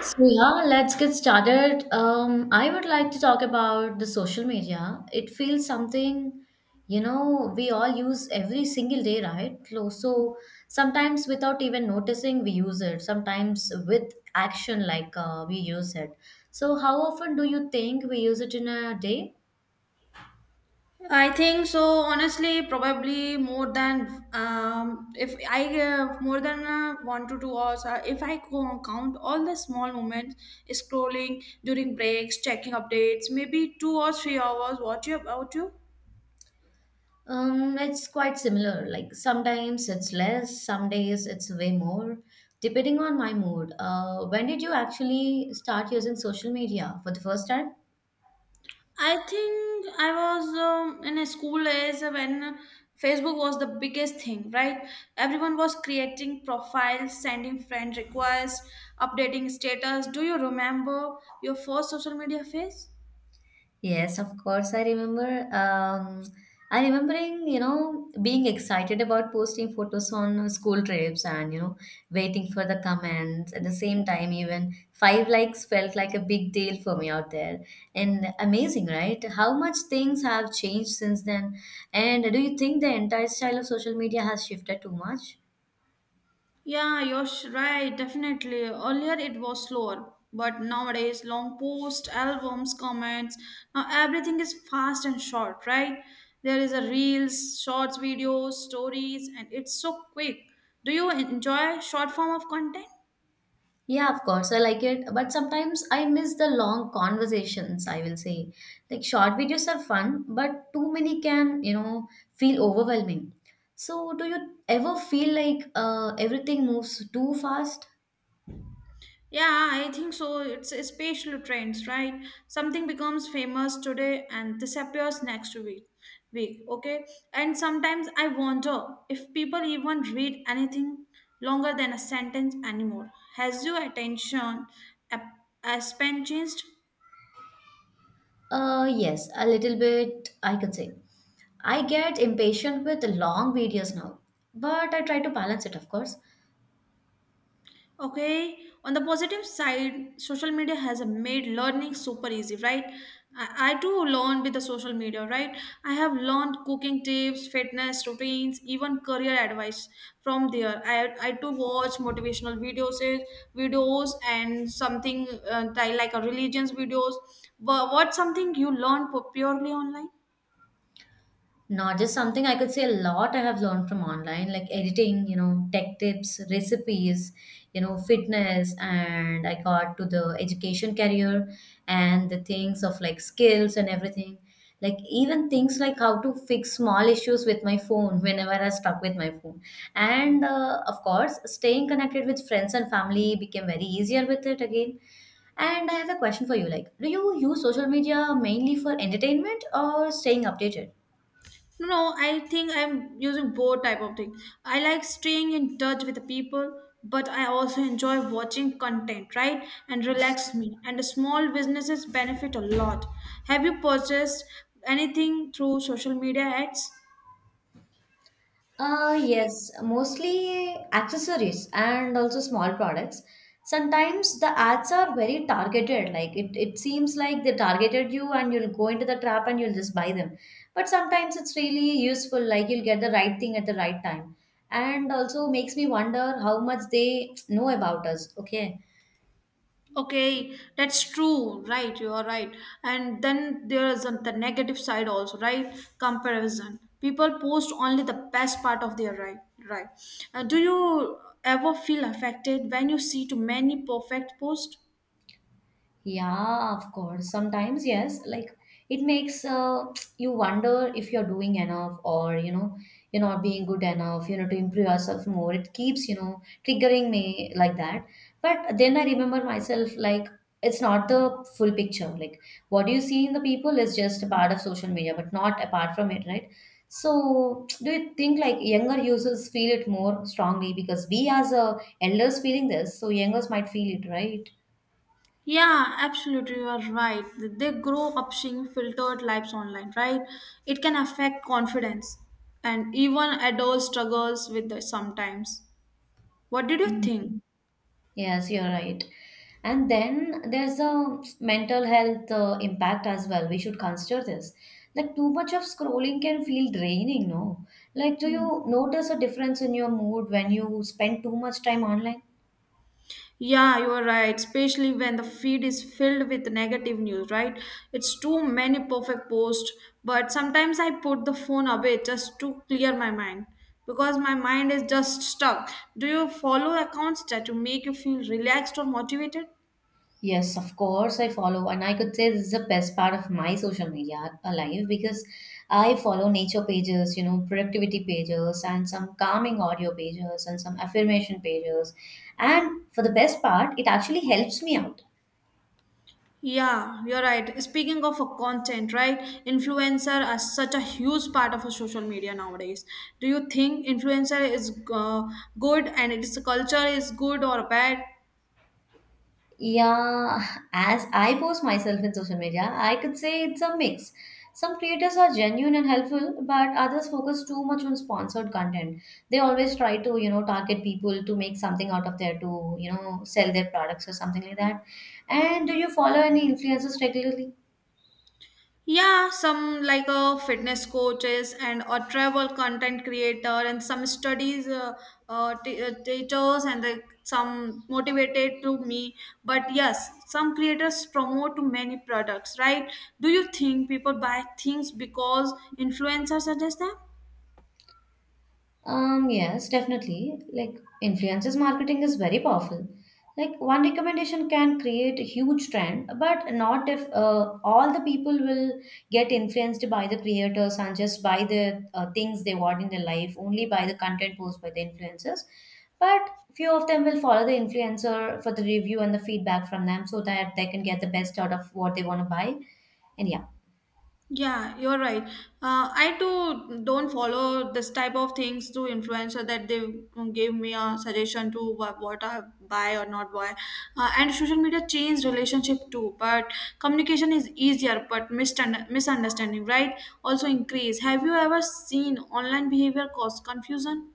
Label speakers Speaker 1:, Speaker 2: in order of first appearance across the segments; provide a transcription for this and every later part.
Speaker 1: So yeah, let's get started. I would like to talk about the social media. It feels something, you know, we all use every single day, right? So sometimes without even noticing, we use it. Sometimes with action, like we use it. So how often do you think we use it in a day?
Speaker 2: I think so. Honestly, probably more than if I more than 1 to 2 hours. If I co- count all the small moments, scrolling during breaks, checking updates, maybe 2 or 3 hours. What you about you?
Speaker 1: It's quite similar. Like sometimes it's less, some days it's way more, depending on my mood. When did you actually start using social media for the first time?
Speaker 2: I think I was in a school days when Facebook was the biggest thing, right? Everyone was creating profiles, sending friend requests, updating status. Do you remember your first social media phase?
Speaker 1: Yes, of course. I remember. I remembering, you know, being excited about posting photos on school trips and, you know, waiting for the comments. At the same time, even 5 likes felt like a big deal for me out there. And amazing, right? How much things have changed since then. And do you think the entire style of social media has shifted too much?
Speaker 2: Yeah, right, definitely. Earlier it was slower, but nowadays long posts, albums, comments, now everything is fast and short, right? There is a reels, shorts videos, stories, and it's so quick. Do you enjoy short form of content?
Speaker 1: Yeah, of course, I like it, but sometimes I miss the long conversations, I will say. Like short videos are fun, but too many can, you know, feel overwhelming. So, do you ever feel like everything moves too fast?
Speaker 2: Yeah, I think so. It's a spatial trends, right? Something becomes famous today and disappears next week. Week, okay? And sometimes I wonder if people even read anything longer than a sentence anymore. Has your attention a, a span changed?
Speaker 1: Yes, a little bit, I can say. I get impatient with long videos now, but I try to balance it, of course.
Speaker 2: Okay, on the positive side, social media has made learning super easy, right? I too learned with the social media, right? I have learned cooking tips, fitness routines, even career advice from there. I too watch motivational videos, videos and something like a religions videos. But what's something you purely online?
Speaker 1: Not just something I could say, a lot I have learned from online, like editing, you know, tech tips, recipes, you know, fitness, and I got to the education career and the things of like skills and everything. Like even things like how to fix small issues with my phone whenever I stuck with my phone. And of course, staying connected with friends and family became very easier with it again. And I have a question for you, like, do you use social media mainly for entertainment or staying updated?
Speaker 2: No, no, I think I'm using both type of thing. I like staying in touch with the people, but I also enjoy watching content, right? And relax me. And the small businesses benefit a lot. Have you purchased anything through social media ads?
Speaker 1: Yes, mostly accessories and also small products. Sometimes the ads are very targeted, like it seems like they targeted you and you'll go into the trap and you'll just buy them. But sometimes it's really useful, like you'll get the right thing at the right time. And also makes me wonder how much they know about us. Okay.
Speaker 2: Okay, that's true, right? You are right. And then there's the negative side also, right? Comparison. People post only the best part of their life, right? Do you ever feel affected when you see too many perfect posts?
Speaker 1: Yeah, of course. Sometimes, yes, like it makes you wonder if you're doing enough or, you know, you're not being good enough, you know, to improve yourself more. It keeps, you know, triggering me like that. But then I remember myself, like, it's not the full picture. Like, what you see in the people is just a part of social media, but not apart from it, right? So, do you think like younger users feel it more strongly because we, as elders, feeling this, so youngers might feel it, right?
Speaker 2: Yeah, absolutely, you are right. They grow up seeing filtered lives online, right? It can affect confidence, and even adult struggles with the sometimes. What did you think?
Speaker 1: Yes, you're right. And then there's a mental health impact as well. We should consider this. Like too much of scrolling can feel draining, no? Like, do you notice a difference in your mood when you spend too much time online?
Speaker 2: Yeah, you are right. Especially when the feed is filled with negative news, right? It's too many perfect posts. But sometimes I put the phone away just to clear my mind because my mind is just stuck. Do you follow accounts that to make you feel relaxed or motivated?
Speaker 1: Yes, of course, I follow, and I could say this is the best part of my social media life, because I follow nature pages, you know, productivity pages, and some calming audio pages, and some affirmation pages. And for the best part, it actually helps me out.
Speaker 2: Yeah, you're right. Speaking of a content, right? Influencer are such a huge part of a social media nowadays. Do you think influencer is good and its culture is good or bad?
Speaker 1: Yeah, as I post myself in social media, I could say it's a mix. Some creators are genuine and helpful, but others focus too much on sponsored content. They always try to, you know, target people to make something out of there to, you know, sell their products or something like that. And do you follow any influencers regularly?
Speaker 2: Yeah, some like a fitness coaches and a travel content creator and some studies teachers and like some motivated to me. But yes, some creators promote many products, right? Do you think people buy things because influencers suggest them?
Speaker 1: Yes, definitely. Like influencers marketing is very powerful. Like one recommendation can create a huge trend, but not if all the people will get influenced by the creators and just by the things they want in their life, only by the content posted by the influencers. But few of them will follow the influencer for the review and the feedback from them so that they can get the best out of what they want to buy. And yeah.
Speaker 2: Yeah, you're right. I too don't follow this type of things to influencer that they gave me a suggestion to what I buy or not buy. And social media changed relationship too, but communication is easier, but misunderstanding, right? Also increase. Have you ever seen online behavior cause confusion?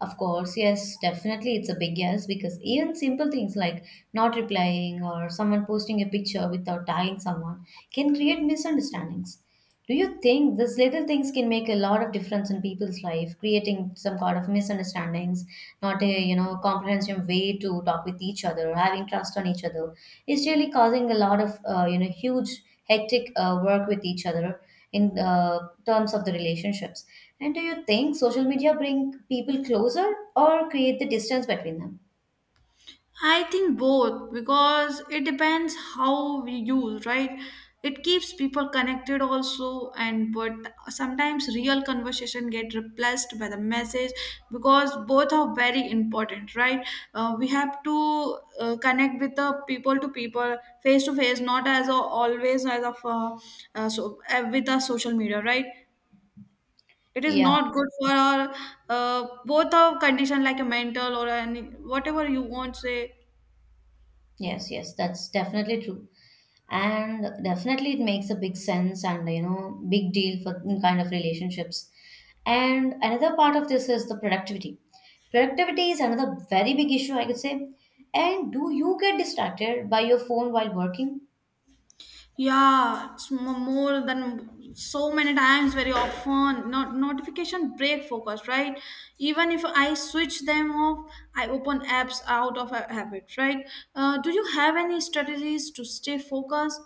Speaker 1: Of course, yes, definitely it's a big yes, because even simple things like not replying or someone posting a picture without tagging someone can create misunderstandings. Do you think these little things can make a lot of difference in people's life, creating some kind of misunderstandings, not a, you know, comprehensive way to talk with each other, having trust on each other? It's really causing a lot of, you know, huge hectic work with each other in terms of the relationships. And do you think social media bring people closer or create the distance between them?
Speaker 2: I think both because it depends how we use, right? It keeps people connected also and but sometimes real conversation get replaced by the message because both are very important, right? We have to connect with the people to people face to face not as always as of so with the social media, right? It is
Speaker 1: Yeah.
Speaker 2: not good for our both our condition like a mental or any whatever you want say.
Speaker 1: Yes. Yes. That's definitely true. And definitely it makes a big sense and, you know, big deal for in kind of relationships. And another part of this is the productivity. Is another very big issue, I could say. And do you get distracted by your phone while working?
Speaker 2: Yeah, more than so many times, very often. Not notification break focus, right? Even if I switch them off, I open apps out of a habit, right? Do you have any strategies to stay focused?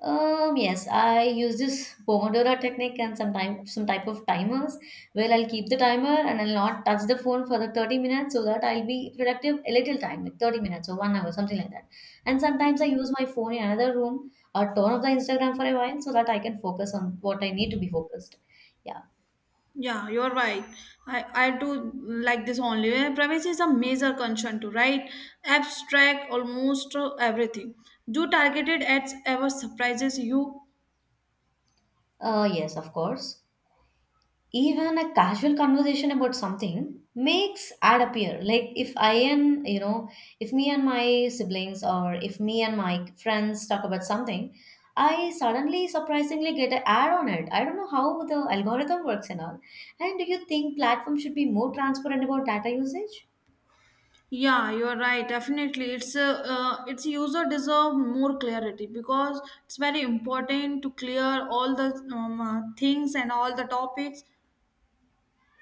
Speaker 1: Yes, I use this Pomodoro technique and some time, some type of timers where I'll keep the timer and I'll not touch the phone for the 30 minutes so that I'll be productive a little time, like 30 minutes or 1 hour, something like that. And sometimes I use my phone in another room or turn off the Instagram for a while so that I can focus on what I need to be focused. Yeah.
Speaker 2: Yeah, you're right. I do like this only. Privacy is a major concern too, right? Apps track almost everything. Do targeted ads ever surprises you?
Speaker 1: Yes, of course. Even a casual conversation about something makes ad appear, like if I, and you know, if me and my siblings or if me and my friends talk about something, I suddenly surprisingly get an ad on it. I don't know how the algorithm works and all. And do you think platforms should be more transparent about data usage?
Speaker 2: Yeah, you are right. Definitely, it's its user deserve more clarity because it's very important to clear all the things and all the topics.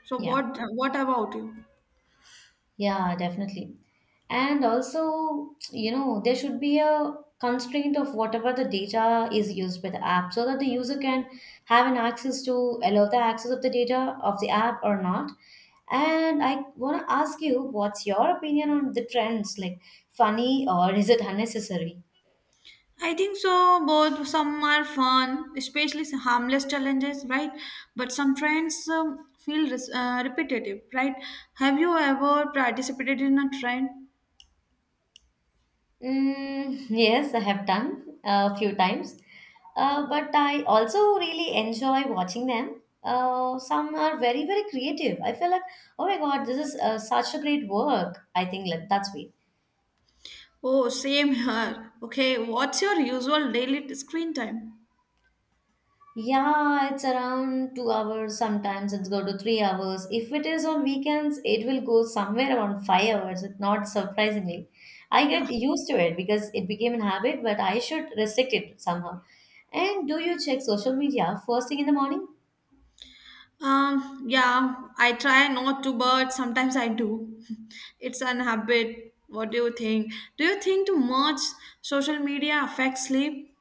Speaker 2: So
Speaker 1: Yeah.
Speaker 2: what about you?
Speaker 1: Yeah, definitely. And also, you know, there should be a constraint of whatever the data is used by the app so that the user can have an access to allow the access of the data of the app or not. And I want to ask you, what's your opinion on the trends like funny or is it unnecessary?
Speaker 2: I think so. Both some are fun, especially some harmless challenges, right? But some trends repetitive, right? Have you ever participated in a trend?
Speaker 1: Mm, yes, I have done a few times, but I also really enjoy watching them. Some are very, very creative. I feel like, oh my God, this is such a great work. I think like that's way.
Speaker 2: Oh, same here. Okay, what's your usual daily screen time?
Speaker 1: Yeah, it's around 2 hours. Sometimes it's go to 3 hours. If it is on weekends, it will go somewhere around 5 hours. It not surprisingly, I
Speaker 2: Yeah.
Speaker 1: get used to it because it became a habit. But I should restrict it somehow. And do you check social media first thing in the morning?
Speaker 2: Yeah, I try not to, but sometimes I do. It's an habit. What do you think? Do you think too much social media affects sleep?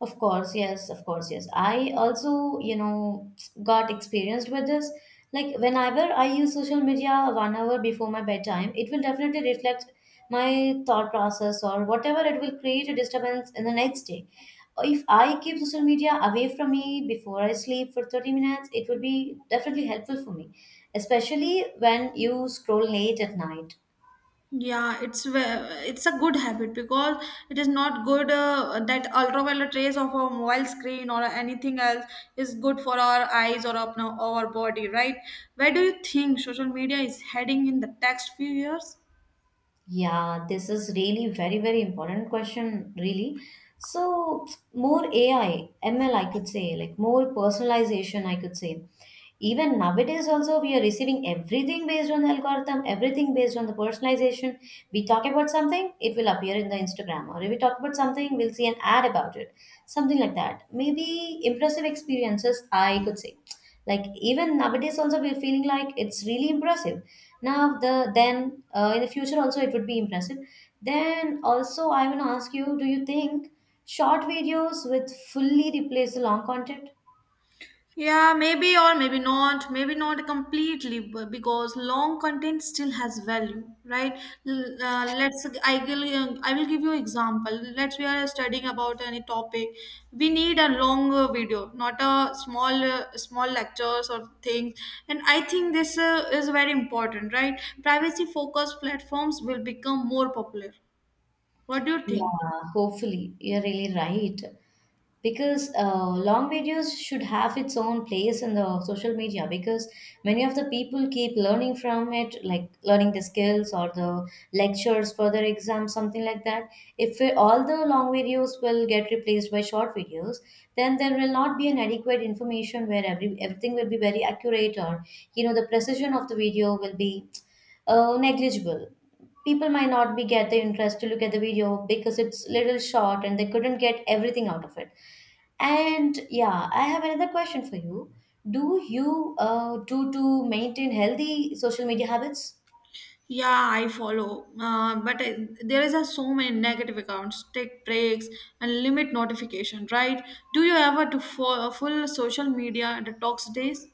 Speaker 1: Of course, yes, of course, yes. I also, you know, got experienced with this. Like whenever I use social media 1 hour before my bedtime, it will definitely reflect my thought process or whatever, it will create a disturbance in the next day. If I keep social media away from me before I sleep for 30 minutes, it would be definitely helpful for me, especially when you scroll late at night.
Speaker 2: Yeah, it's a good habit because it is not good that ultraviolet rays of a mobile screen or anything else is good for our eyes or up our body, right? Where do you think social media is heading in the next few years?
Speaker 1: Yeah, this is really very, very important question, really. So, more AI, ML, I could say, like more personalization, I could say, even nowadays also we are receiving everything based on the algorithm, everything based on the personalization. We talk about something, it will appear in the Instagram, or if we talk about something, we'll see an ad about it, something like that. Maybe impressive experiences, I could say, like even nowadays also we're feeling like it's really impressive. Now the then, in the future also it would be impressive. Then also I want to ask you, do you think short videos with fully replace the long content?
Speaker 2: Yeah, maybe or maybe not completely, but because long content still has value, right? L- let's I will give you example. Let's we are studying about any topic, we need a long video, not a small lectures or things. And I think this is very important, right? Privacy focused platforms will become more popular. What do you think?
Speaker 1: Yeah, hopefully. You're really right. Because long videos should have its own place in the social media, because many of the people keep learning from it, like learning the skills or the lectures for their exams, something like that. If we, all the long videos will get replaced by short videos, then there will not be an adequate information where everything will be very accurate, or you know the precision of the video will be negligible. People might not be get the interest to look at the video because it's little short and they couldn't get everything out of it. And yeah, I have another question for you. Do you do to maintain healthy social media habits?
Speaker 2: Yeah, I follow. But there is a so many negative accounts. Take breaks and limit notification, right? Do you ever do full social media detox days?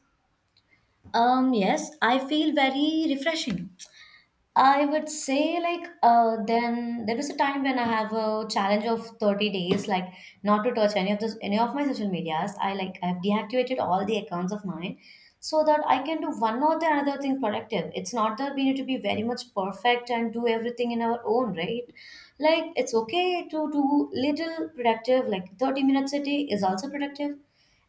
Speaker 1: Um, yes, I feel very refreshing, I would say. Like then there was a time when I have a challenge of 30 days, like not to touch any of those, any of my social medias. I like I've deactivated all the accounts of mine so that I can do one or the another thing productive. It's not that we need to be very much perfect and do everything in our own, right? Like it's okay to do little productive, like 30 minutes a day is also productive,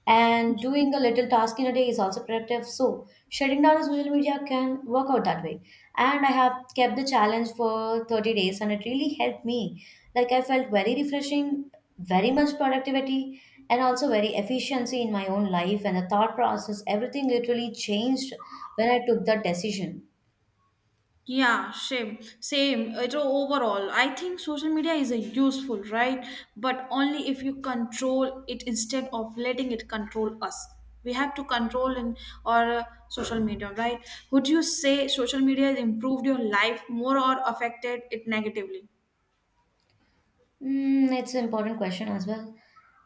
Speaker 1: and doing a little task in a day is also productive. So shutting down the social media can work out that way. And I have kept the challenge for 30 days and it really helped me. Like I felt very refreshing, very much productivity, and also very efficiency in my own life, and the thought process everything literally changed when I took that decision.
Speaker 2: Yeah, same, same. It overall, I think social media is a useful, right? But only if you control it instead of letting it control us. We have to control in our social media, right? Would you say social media has improved your life more or affected it negatively?
Speaker 1: Mm, it's an important question as well.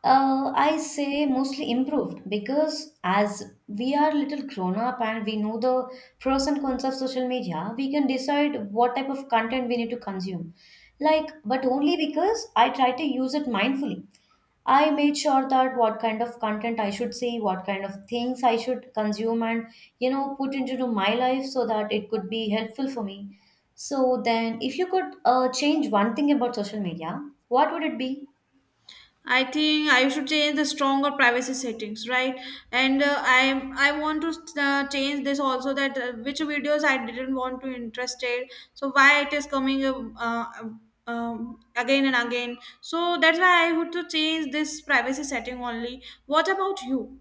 Speaker 1: I say mostly improved because as we are little grown up and we know the pros and cons of social media, we can decide what type of content we need to consume. Like, but only because I try to use it mindfully. I made sure that what kind of content I should see, what kind of things I should consume and, you know, put into my life so that it could be helpful for me. So then if you could change one thing about social media, what would it be?
Speaker 2: I think I should change the stronger privacy settings, right? And I want to change this also that which videos I didn't want to interested. So why it is coming again and again. So that's why I would to change this privacy setting only. What about you?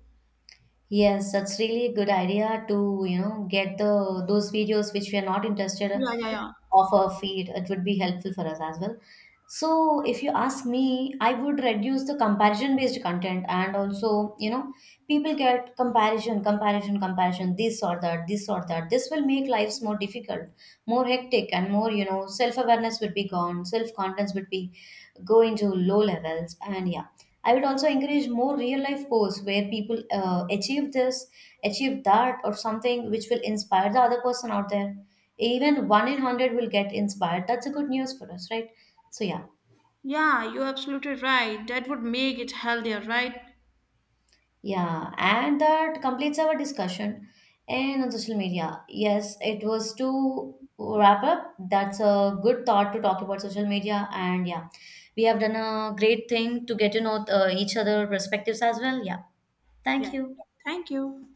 Speaker 1: Yes, that's really a good idea to, you know, get the those videos which we are not interested
Speaker 2: Yeah, yeah, yeah.
Speaker 1: of a feed, it would be helpful for us as well. So if you ask me, I would reduce the comparison based content, and also, you know, people get comparison, comparison, comparison, this or that, this or that, this will make lives more difficult, more hectic, and more, you know, self awareness would be gone, self confidence would be go into low levels. And yeah, I would also encourage more real life posts where people achieve this, achieve that, or something which will inspire the other person out there. Even 1 in 100 will get inspired, that's a good news for us, right? So yeah.
Speaker 2: Yeah, you're absolutely right. That would make it healthier, right?
Speaker 1: Yeah, and that completes our discussion and on social media. Yes, it was to wrap up. That's a good thought to talk about social media. And yeah, we have done a great thing to get to know each other perspectives as well. Yeah, thank
Speaker 2: Yeah.
Speaker 1: you.
Speaker 2: Thank you.